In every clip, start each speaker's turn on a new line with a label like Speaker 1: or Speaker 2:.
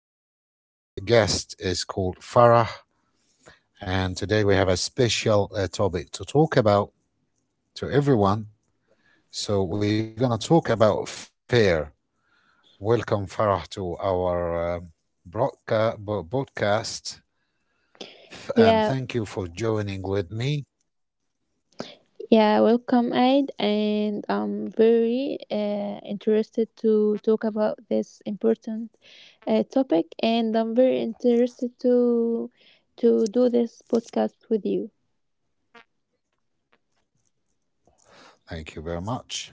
Speaker 1: have our guest is called Farah, and today we have a special topic to talk about to everyone. So we're gonna talk about fear. Welcome, Farah, to our broadcast, and thank you for
Speaker 2: Yeah,
Speaker 1: joining with me.
Speaker 2: yeah, welcome, Aid, and I'm very interested to talk about this important topic, and I'm very interested to do this podcast with you.
Speaker 1: Thank you very much.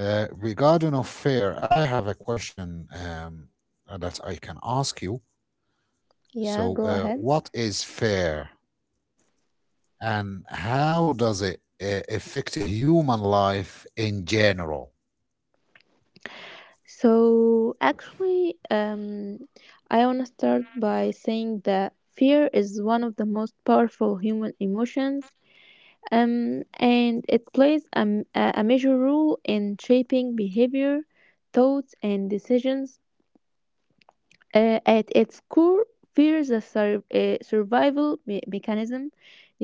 Speaker 1: Regarding of fear, I have a question that I can ask you.
Speaker 2: Yeah,
Speaker 1: So,
Speaker 2: go ahead.
Speaker 1: what is fair and how does it affect human life in general?
Speaker 2: So actually, I want to start by saying that fear is one of the most powerful human emotions and it plays a, m- a major role in shaping behavior, thoughts, and decisions. At its core, fear is a survival mechanism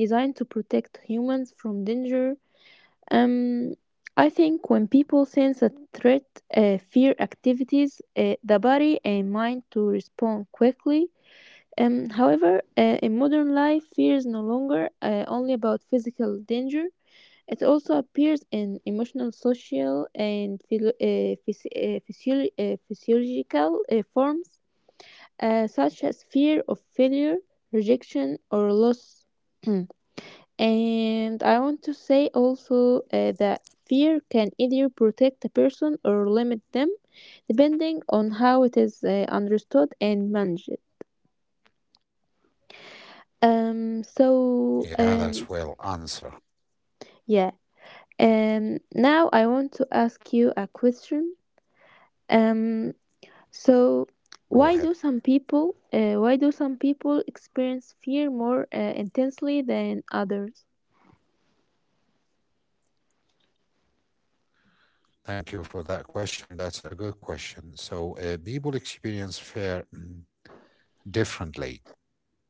Speaker 2: designed to protect humans from danger. Um, I think when people sense a threat, fear activities the body and mind to respond quickly. However, in modern life, fear is no longer only about physical danger. It also appears in emotional, social, and physiological forms, such as fear of failure, rejection, or loss. Mm. And I want to say also that fear can either protect a person or limit them, depending on how it is understood and managed. Um, so, um,
Speaker 1: Yeah, that's well answered.
Speaker 2: yeah. Now I want to ask you a question. Um, So, why do
Speaker 1: Go
Speaker 2: some
Speaker 1: ahead.
Speaker 2: people experience fear more intensely than others?
Speaker 1: Thank you for that question. That's a good question. So, people experience fair differently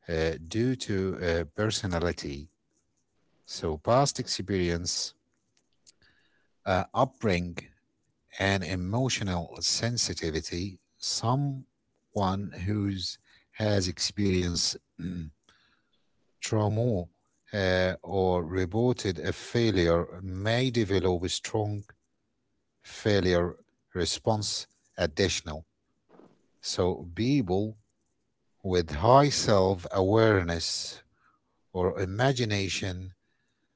Speaker 1: due to personality. So, past experience, upbringing, and emotional sensitivity. Someone who's has experienced trauma or reported a failure may develop a strong failure response additional. So people with high self-awareness or imagination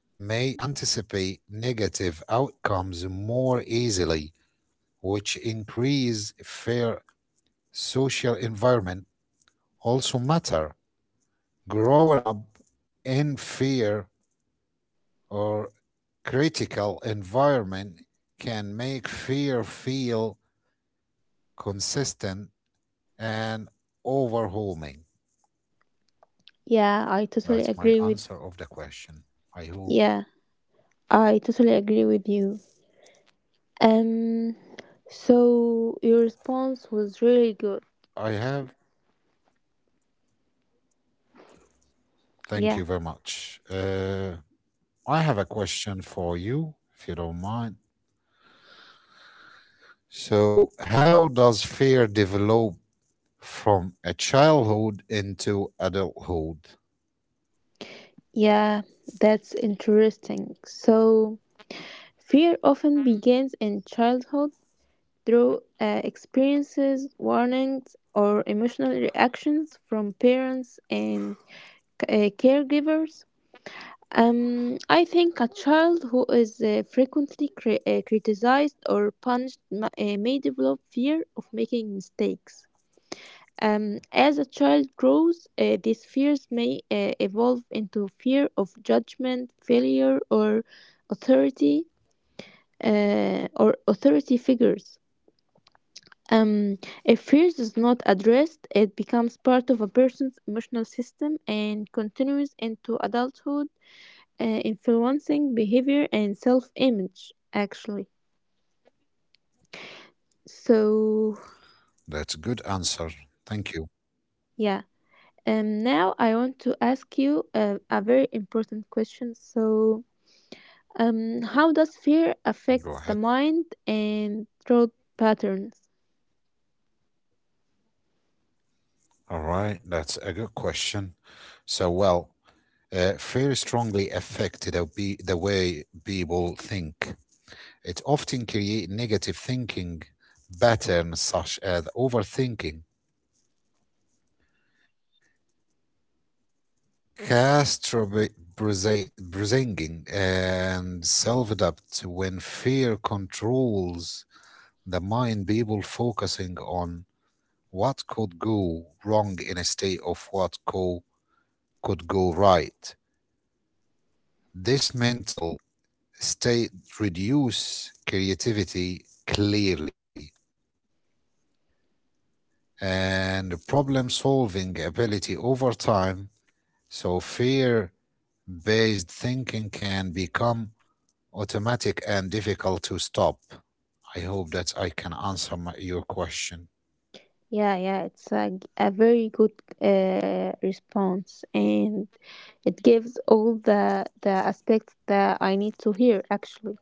Speaker 1: may anticipate negative outcomes more easily, which increase fair social environment also matter. Growing up in fear or critical environment can make fear feel consistent and overwhelming.
Speaker 2: Yeah, I totally
Speaker 1: That's
Speaker 2: agree
Speaker 1: my
Speaker 2: with
Speaker 1: answer of the question. I hope
Speaker 2: yeah, I totally agree with you. Um so your response was really good.
Speaker 1: I have. Thank you
Speaker 2: Yeah.
Speaker 1: very much. I have a question for you, if you don't mind. So, how does fear develop from a childhood into adulthood?
Speaker 2: Yeah, that's interesting. So fear often begins in childhood through experiences, warnings, or emotional reactions from parents and caregivers. I think a child who is frequently criticized or punished may develop fear of making mistakes. As a child grows, these fears may evolve into fear of judgment, failure, authority, or authority figures. Um, if fears is not addressed, it becomes part of a person's emotional system and continues into adulthood, influencing behavior and self image actually. so
Speaker 1: That's a good answer. Thank you.
Speaker 2: yeah. Now I want to ask you a very important question. So, how does fear affect the
Speaker 1: Go ahead.
Speaker 2: mind and thought patterns?
Speaker 1: All right, that's a good question. So, well, fear strongly affect the way people think. It often creates negative thinking patterns such as overthinking, catastrophizing, and self-doubt. When fear controls the mind, people focusing on what could go wrong instead of could go right. This mental state reduce creativity clearly and problem solving ability over time. So, fear based thinking can become automatic and difficult to stop. I hope that I can answer your question.
Speaker 2: Yeah, yeah, it's a very good response, and it gives all the aspects that I need to hear actually.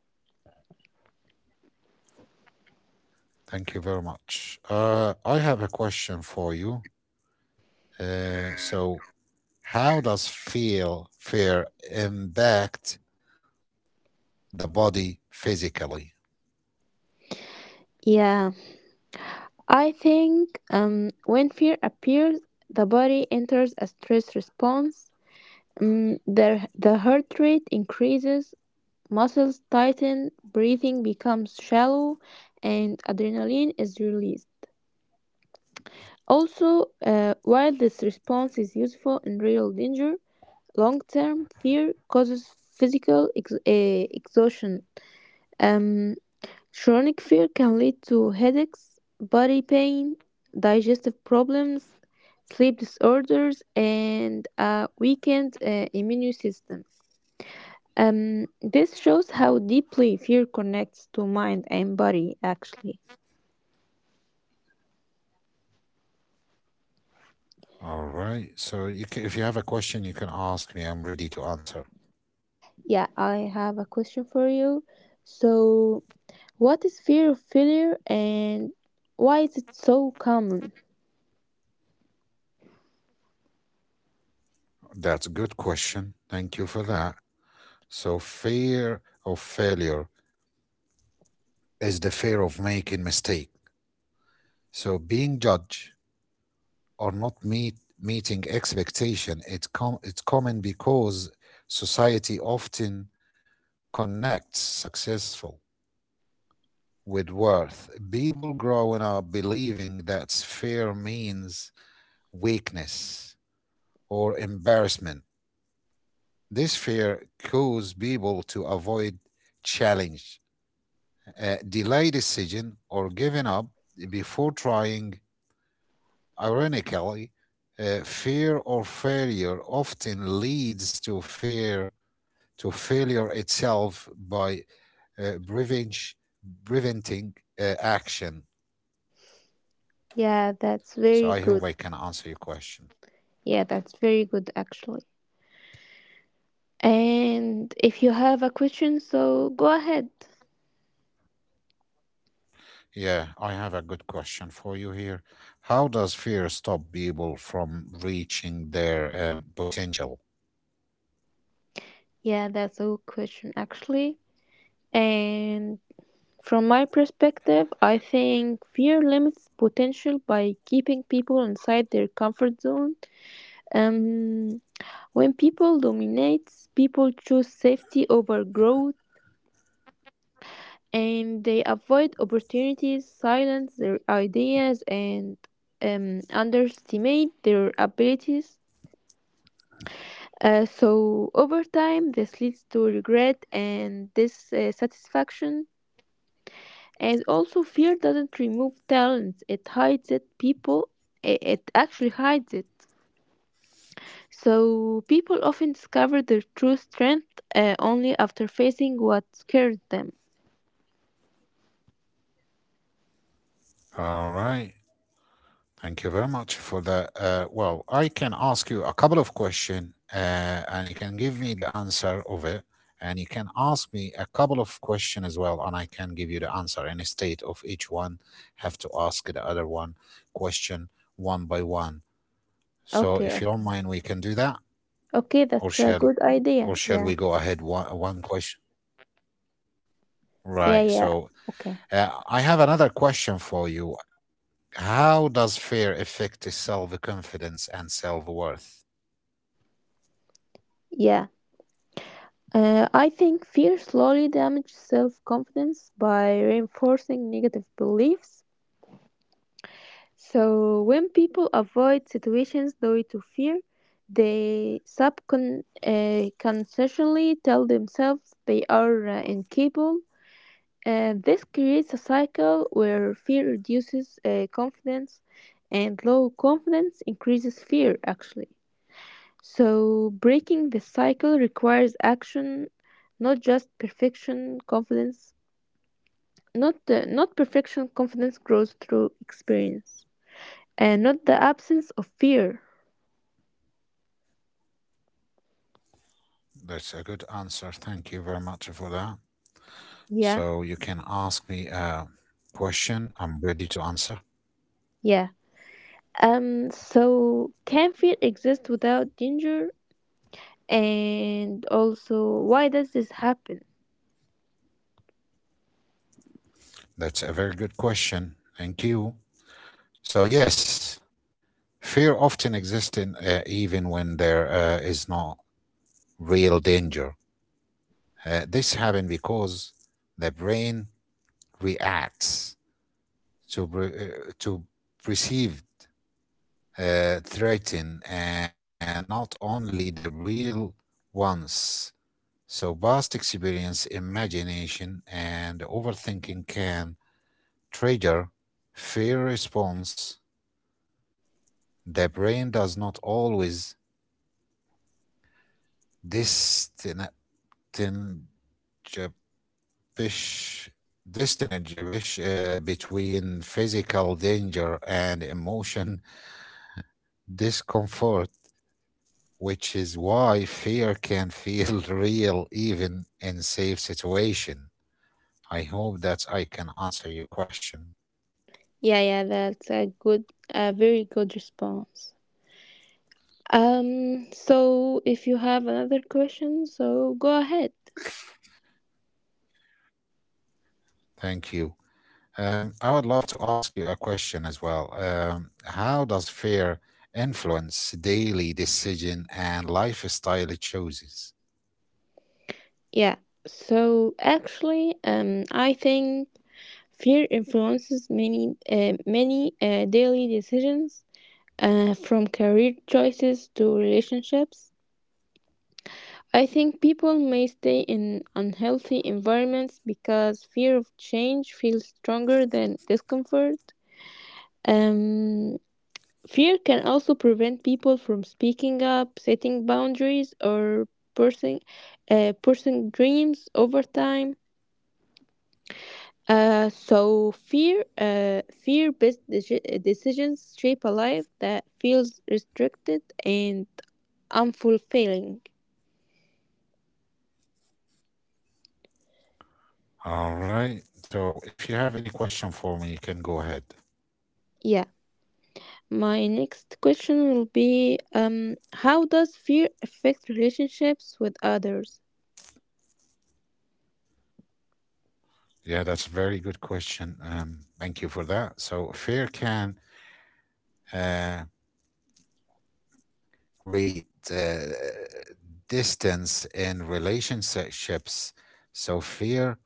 Speaker 1: Thank you very much. I have a question for you. So, how does feel fear impact the body physically?
Speaker 2: Yeah, I think when fear appears, the body enters a stress response. Mm, the heart rate increases, muscles tighten, breathing becomes shallow, and adrenaline is released. Also, while this response is useful in real danger, long term fear causes physical exhaustion. Um, Chronic fear can lead to headaches, body pain, digestive problems, sleep disorders, and a weakened immune system. This shows how deeply fear connects to mind and body, actually.
Speaker 1: All right. So you ca if you have a question, you can ask me. I'm ready to answer.
Speaker 2: Yeah, I have a question for you. So, what is fear of failure and why is it so common?
Speaker 1: That's a good question. Thank you for that. So fear of failure is the fear of making mistake. So being judged or not meet meeting expectation, it's com it's common because society often connects successful with worth. People growing up believing that fear means weakness or embarrassment. This fear causes people to avoid challenge, delay decision, or giving up before trying. Ironically, fear or failure often leads to fear to failure itself by uh, prevenge- preventing action.
Speaker 2: Yeah, that's
Speaker 1: So
Speaker 2: very
Speaker 1: I hope
Speaker 2: good.
Speaker 1: I can answer your question.
Speaker 2: Yeah, that's very good, actually. And if you have a question, so go ahead.
Speaker 1: Yeah, I have a good question for you here. How does fear stop people from reaching their potential?
Speaker 2: Yeah, that's a good question, actually. And from my perspective, I think fear limits potential by keeping people inside their comfort zone. Um, when people dominate, people choose safety over growth, and they avoid opportunities, silence their ideas, and underestimate their abilities. So over time, this leads to regret and dissatisfaction, and also fear doesn't remove talent; it hides it. People, it actually hides it. So people often discover their true strength only after facing what scared them.
Speaker 1: All right. Thank you very much for the. Well, I can ask you a couple of questions, and you can give me the answer of it, and you can ask me a couple of questions as well, and I can give you the answer. And state of each one, have to ask the other one question one by one. So,
Speaker 2: Okay,
Speaker 1: if you don't
Speaker 2: okay,
Speaker 1: mind, we can do that,
Speaker 2: okay. That's a
Speaker 1: or
Speaker 2: good
Speaker 1: shall,
Speaker 2: idea.
Speaker 1: or
Speaker 2: Yeah,
Speaker 1: shall we go ahead one question?
Speaker 2: yeah,
Speaker 1: Right.
Speaker 2: yeah.
Speaker 1: So,
Speaker 2: Okay,
Speaker 1: I have another question for you. How does fear affect self confidence and self worth?
Speaker 2: yeah. I think fear slowly damages self confidence by reinforcing negative beliefs. So when people avoid situations due to fear, they consciously tell themselves they are incapable. And this creates a cycle where fear reduces confidence and low confidence increases fear actually. So breaking the cycle requires action, not just perfection confidence. Not perfection confidence grows through experience and not the absence of fear.
Speaker 1: That's a good answer. Thank you very much for that.
Speaker 2: Yeah,
Speaker 1: So, you can ask me a question. I'm ready to answer.
Speaker 2: yeah. So, can fear exist without danger? And also, why does this happen?
Speaker 1: That's a very good question. Thank you. So, yes, fear often exists in, even when there is no real danger. This happens because the brain reacts to perceive threaten not only the real ones. So, past experience, imagination, and overthinking can trigger fear response. The brain does not always distinguish, distinguish between physical danger and emotion discomfort, which is why fear can feel real even in safe situation. I hope that I can answer your question.
Speaker 2: Yeah, yeah, that's a good, a very good response. So, if you have another question, so go ahead.
Speaker 1: Thank you. I would love to ask you a question as well. How does fear influence daily decision and lifestyle choices?
Speaker 2: Yeah. So actually, I think fear influences many daily decisions, from career choices to relationships. I think people may stay in unhealthy environments because fear of change feels stronger than discomfort. Um, Fear can also prevent people from speaking up, setting boundaries, or pursuing, pursuing dreams over time. So fear-based decisions shape a life that feels restricted and unfulfilling.
Speaker 1: All right. So, if you have any question for me, you can go ahead.
Speaker 2: Yeah. My next question will be, how does fear affect relationships with others?
Speaker 1: Yeah, that's a very good question. Thank you for that. So, fear can uh, read uh, distance in relationships, so fear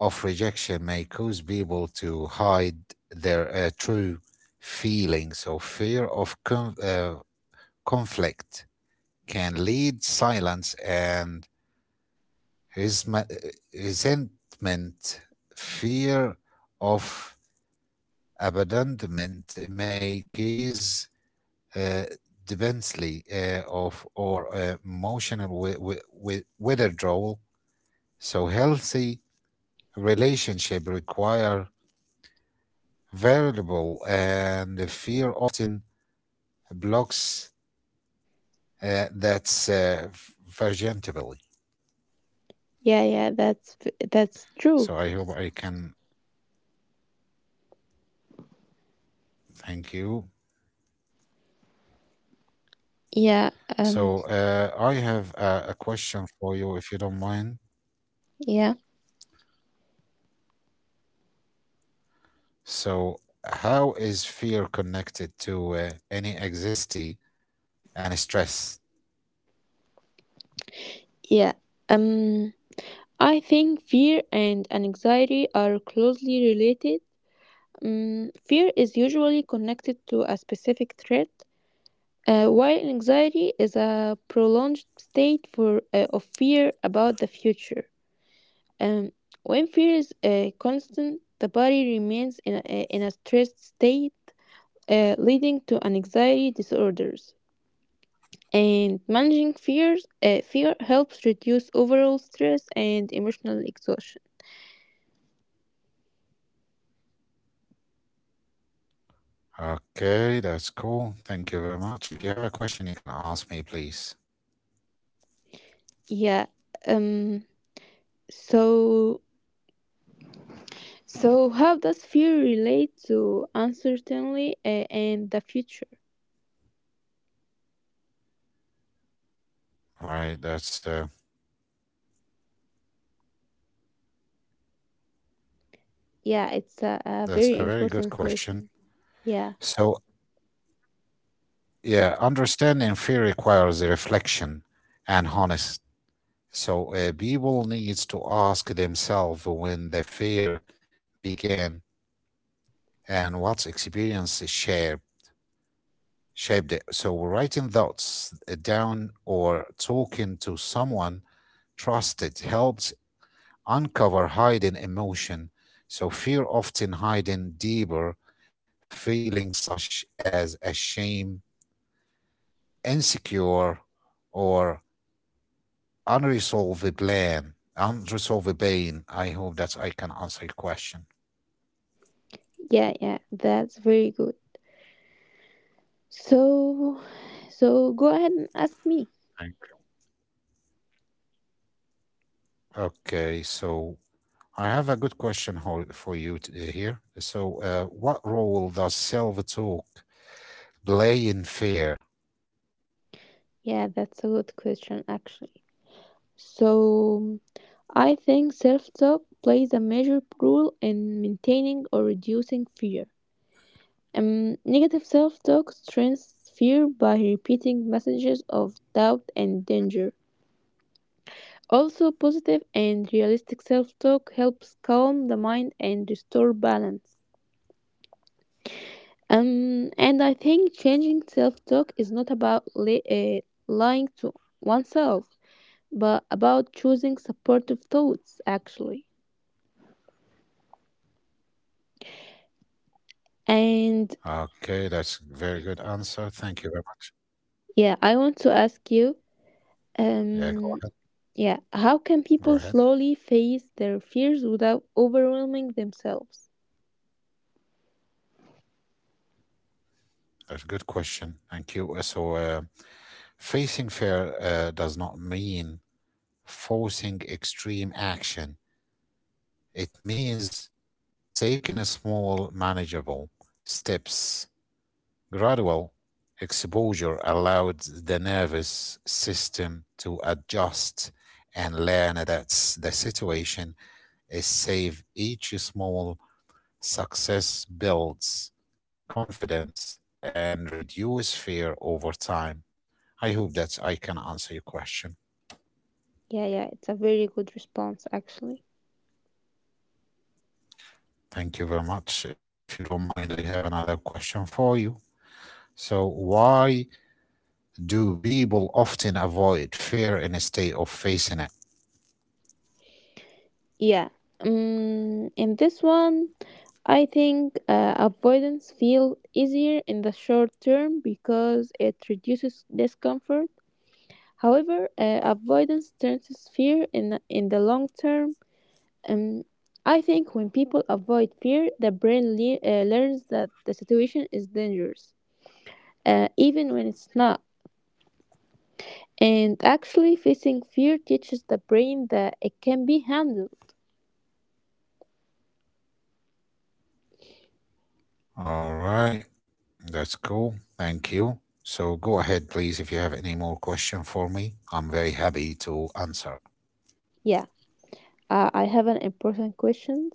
Speaker 1: of rejection may cause people to hide their true feelings. So fear of conflict can lead silence and resma- uh, resentment. Fear of abandonment may cause uh, defensively of or emotional withdrawal. So healthy relationship require variable, and the fear often blocks that's vergentability.
Speaker 2: Yeah, yeah, that's
Speaker 1: So
Speaker 2: true.
Speaker 1: I hope I can thank you.
Speaker 2: Yeah, um
Speaker 1: So I have a question for you, if you don't mind.
Speaker 2: yeah.
Speaker 1: So how is fear connected to any anxiety and stress?
Speaker 2: Yeah. Um I think fear and anxiety are closely related. Fear is usually connected to a specific threat, while anxiety is a prolonged state for of fear about the future. Um, when fear is constant, the body remains in a stressed state, leading to anxiety disorders. And managing fear helps reduce overall stress and emotional exhaustion.
Speaker 1: Okay, that's cool. Thank you very much. If you have a question, you can ask me, please.
Speaker 2: Yeah. Um. So, so, how does fear relate to uncertainty and the future?
Speaker 1: All right,
Speaker 2: Yeah, it's
Speaker 1: that's
Speaker 2: a
Speaker 1: a very
Speaker 2: very
Speaker 1: good
Speaker 2: important
Speaker 1: question.
Speaker 2: question. Yeah,
Speaker 1: So, yeah, understanding fear requires a reflection and honesty. So, people needs to ask themselves when the fear began and what experience shaped it. So, writing thoughts down or talking to someone trusted helps uncover hidden emotion. So fear often hiding deeper feelings such as a shame, insecure, or unresolved plan, unresolved pain. I hope that I can answer your question.
Speaker 2: yeah, yeah. That's very good. So, so go ahead and ask me.
Speaker 1: Thank you. Okay, so I have a good question here. So, what role does self-talk play in fear?
Speaker 2: Yeah, that's a good question actually. So, I think self-talk plays a major role in maintaining or reducing fear. Negative self-talk strengthens fear by repeating messages of doubt and danger. Also, positive and realistic self-talk helps calm the mind and restore balance. And I think changing self talk is not about lying to oneself, but about choosing supportive thoughts, actually. And
Speaker 1: Okay, that's a very good answer. Thank you very much.
Speaker 2: Yeah, I want to ask you,
Speaker 1: Yeah, go
Speaker 2: um,
Speaker 1: ahead.
Speaker 2: yeah, how can
Speaker 1: Go
Speaker 2: people
Speaker 1: ahead.
Speaker 2: slowly face their fears without overwhelming themselves?
Speaker 1: That's a good question. Thank you. So, facing fear does not mean forcing extreme action. It means taking a small, manageable steps. Gradual exposure allowed the nervous system to adjust and learn that the situation is safe. Each small success builds confidence and reduce fear over time. I hope that I can answer your question.
Speaker 2: Yeah, yeah, it's a very good response, actually.
Speaker 1: Thank you very much. If you don't mind, I have another question for you. So, why do people often avoid fear instead of facing it?
Speaker 2: Yeah. In this one, I think avoidance feels easier in the short term because it reduces discomfort. However, avoidance turns fear in the long term. Um, I think when people avoid fear, the brain learns that the situation is dangerous, even when it's not. And actually, facing fear teaches the brain that it can be handled.
Speaker 1: All right, that's cool. Thank you. So, go ahead, please, if you have any more question for me. I'm very happy to answer.
Speaker 2: Yeah. I have an important question.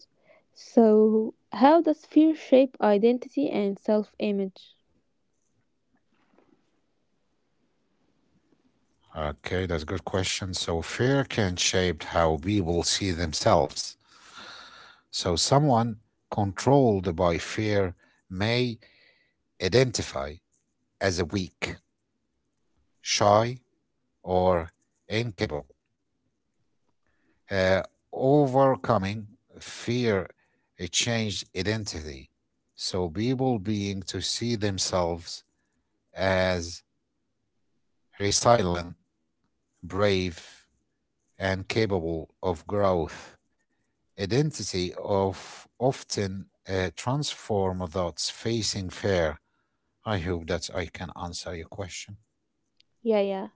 Speaker 2: So, how does fear shape identity and self image?
Speaker 1: Okay, that's a good question. So, fear can shape how people see themselves. So, someone controlled by fear may identify as a weak, shy, or incapable. Uh, Overcoming fear it changed identity. So people being to see themselves as resilient, brave, and capable of growth. Identity of often transform thoughts facing fear. I hope that I can answer your question.
Speaker 2: Yeah, yeah,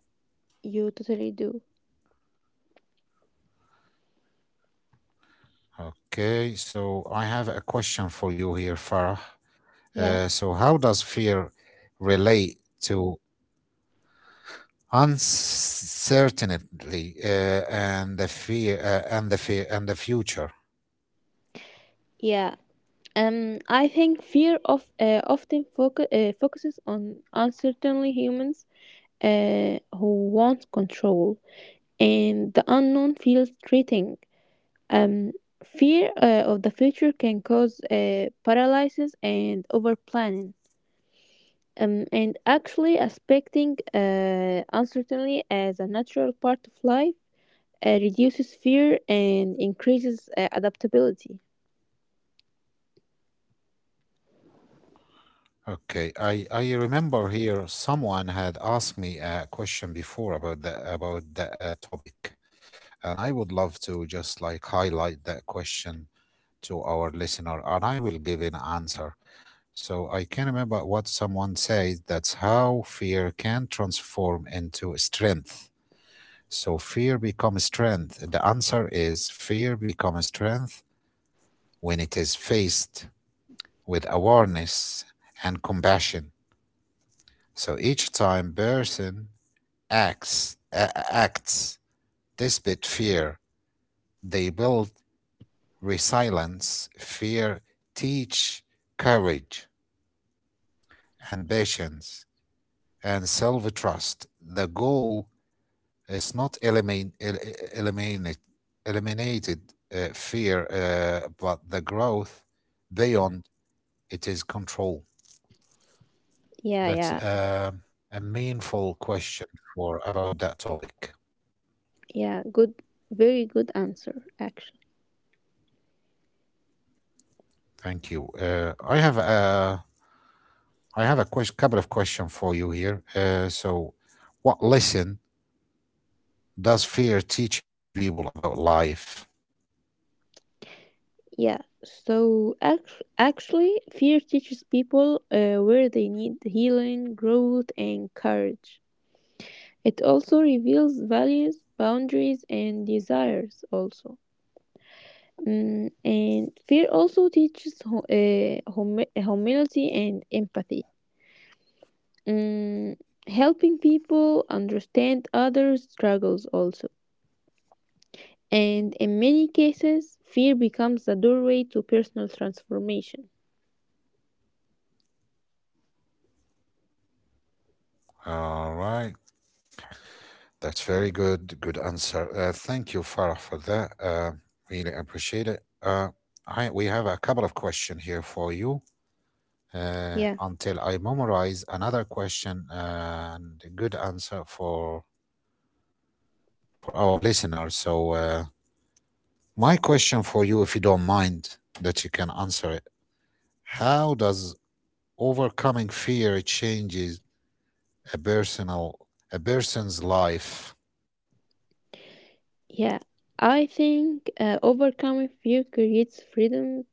Speaker 2: you totally do.
Speaker 1: Okay, so I have a question for you here, Farah.
Speaker 2: Yeah,
Speaker 1: So, how does fear relate to uncertainty and the fear and the future?
Speaker 2: yeah. I think fear of often focuses on uncertainly humans who want control, and the unknown feels threatening. Um, Fear of the future can cause paralysis and overplanning. And actually expecting uncertainty as a natural part of life reduces fear and increases adaptability.
Speaker 1: Okay, I remember here someone had asked me a question before about the topic, and I would love to just like highlight that question to our listener, and I will give an answer. So I can remember what someone said. That's how fear can transform into strength. So fear becomes strength. The answer is fear becomes strength when it is faced with awareness and compassion. So each time person acts despite fear, they build resilience. Fear teach courage and patience and self-trust. The goal it's not eliminate, eliminated fear, but the growth beyond it is control.
Speaker 2: Yeah, yeah,
Speaker 1: That's a meaningful question for about that topic.
Speaker 2: yeah. Good, very good answer, actually.
Speaker 1: Thank you. I have a couple of questions for you here. So, what lesson does fear teach people about life?
Speaker 2: Yeah. So actually, fear teaches people where they need healing, growth, and courage. It also reveals values, boundaries, and desires. Also. Mm, and fear also teaches humility and empathy. Mm, helping people understand others' struggles also. And in many cases, fear becomes the doorway to personal transformation.
Speaker 1: All right. That's very good. Good answer. Thank you, Farah, for that. Really appreciate it. We have a couple of questions here for you
Speaker 2: Yeah,
Speaker 1: until I memorize another question and a good answer for our listeners. So, my question for you, if you don't mind, that you can answer it. How does overcoming fear changes a personal a person's life?
Speaker 2: yeah. I think overcoming fear creates freedom,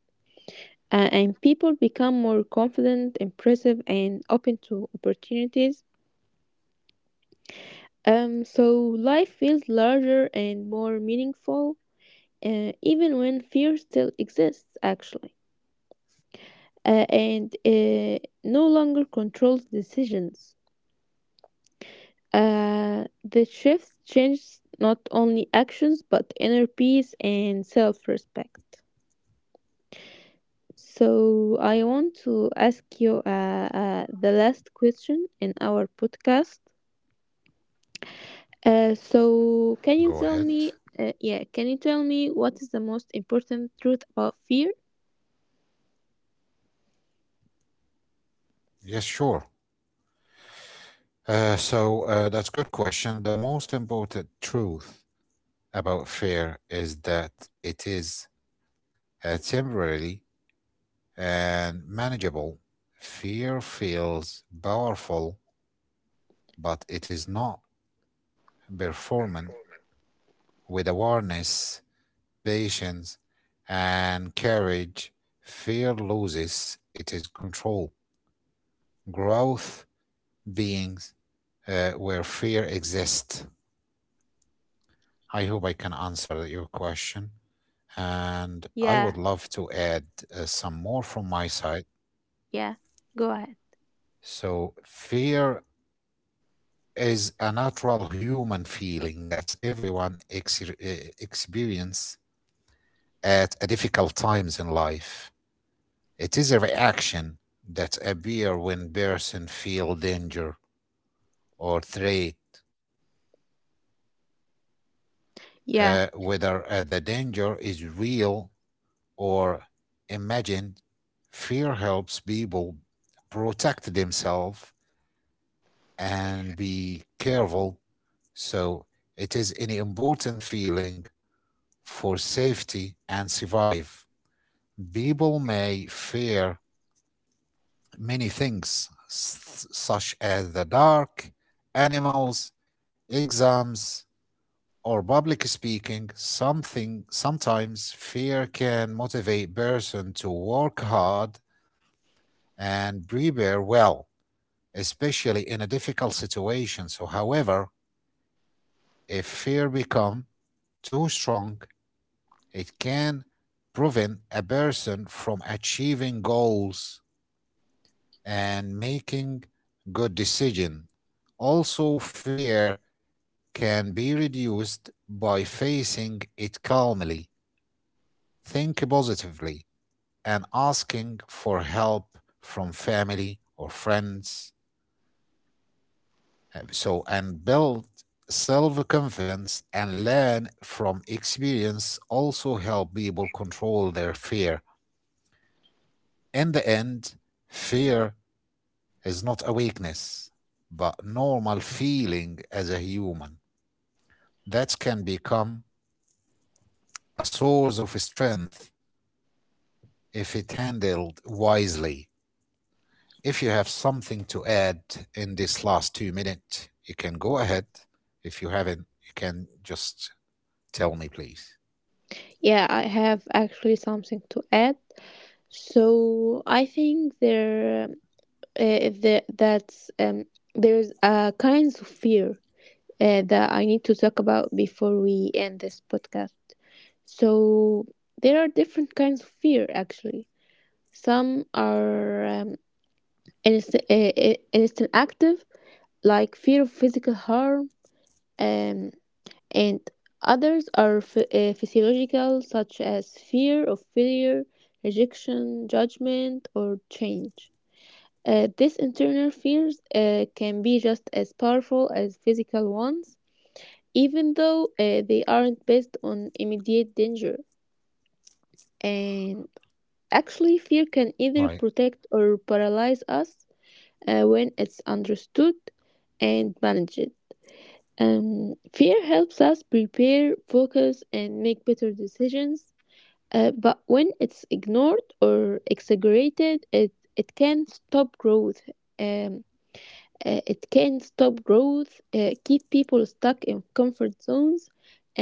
Speaker 2: and people become more confident, impressive, and open to opportunities. So life feels larger and more meaningful even when fear still exists, actually, and no longer controls decisions. The shift changes not only actions but inner peace and self respect. So, I want to ask you the last question in our podcast.
Speaker 1: Go
Speaker 2: Can you
Speaker 1: ahead.
Speaker 2: tell me? Yeah, can you tell me what is the most important truth about fear?
Speaker 1: Yes, sure. So, that's a good question. The most important truth about fear is that it is temporary and manageable. Fear feels powerful, but it is not performance. With awareness, patience, and courage, fear loses its control. Growth beings where fear exists. I hope I can answer your question. And I would
Speaker 2: Yeah,
Speaker 1: love to add some more from my side.
Speaker 2: yeah, go ahead.
Speaker 1: So, fear is a natural human feeling that everyone experience at a difficult times in life. It is a reaction that appear when person feel danger or threat, uh,
Speaker 2: Yeah.
Speaker 1: whether uh, the danger is real or imagined. Fear helps people protect themselves and be careful. So it is an important feeling for safety and survive. People may fear many things, such as the dark, animals, exams, or public speaking. Something sometimes fear can motivate person to work hard and prepare well, especially in a difficult situation. So, however, if fear become too strong, it can prevent a person from achieving goals and making good decisions. Also, fear can be reduced by facing it calmly, think positively, and asking for help from family or friends. So, and build self confidence and learn from experience also help people control their fear. In the end, fear is not awakeness, but normal feeling as a human. That can become a source of strength if it handled wisely. If you have something to add in this last 2 minutes, you can go ahead. If you haven't, you can just tell me, please.
Speaker 2: Yeah, I have actually something to add. So I think uh, the, that's um, there's a kinds of fear that I need to talk about before we end this podcast. So there are different kinds of fear actually. Some are instant active, like fear of physical harm. Um, and others are physiological, such as fear of failure, rejection, judgment, or change. These internal fears can be just as powerful as physical ones, even though they aren't based on immediate danger. And actually, fear can either
Speaker 1: Right.
Speaker 2: protect or paralyze us when it's understood and managed. Fear helps us prepare, focus, and make better decisions, but when it's ignored or exaggerated, it can stop growth. Um, it can stop growth, keep people stuck in comfort zones,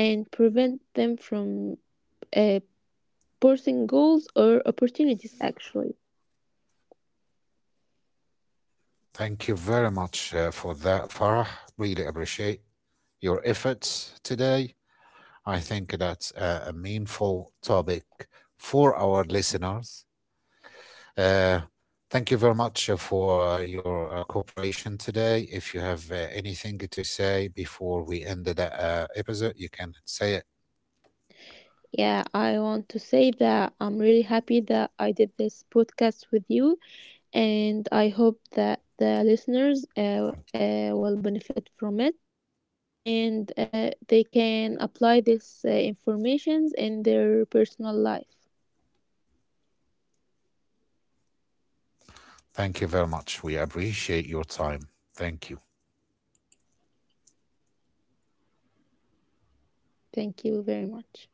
Speaker 2: and prevent them from uh, pursuing, goals or opportunities, actually.
Speaker 1: Thank you very much for that, Farah. Really appreciate your efforts today. I think that's a meaningful topic for our listeners. Uh, Thank you very much for your cooperation today. If you have anything to say before we end the episode, you can say it.
Speaker 2: Yeah, I want to say that I'm really happy that I did this podcast with you, and I hope that the listeners will benefit from it, and they can apply this informations in their personal life.
Speaker 1: Thank you very much. We appreciate your time. Thank you.
Speaker 2: Thank you very much.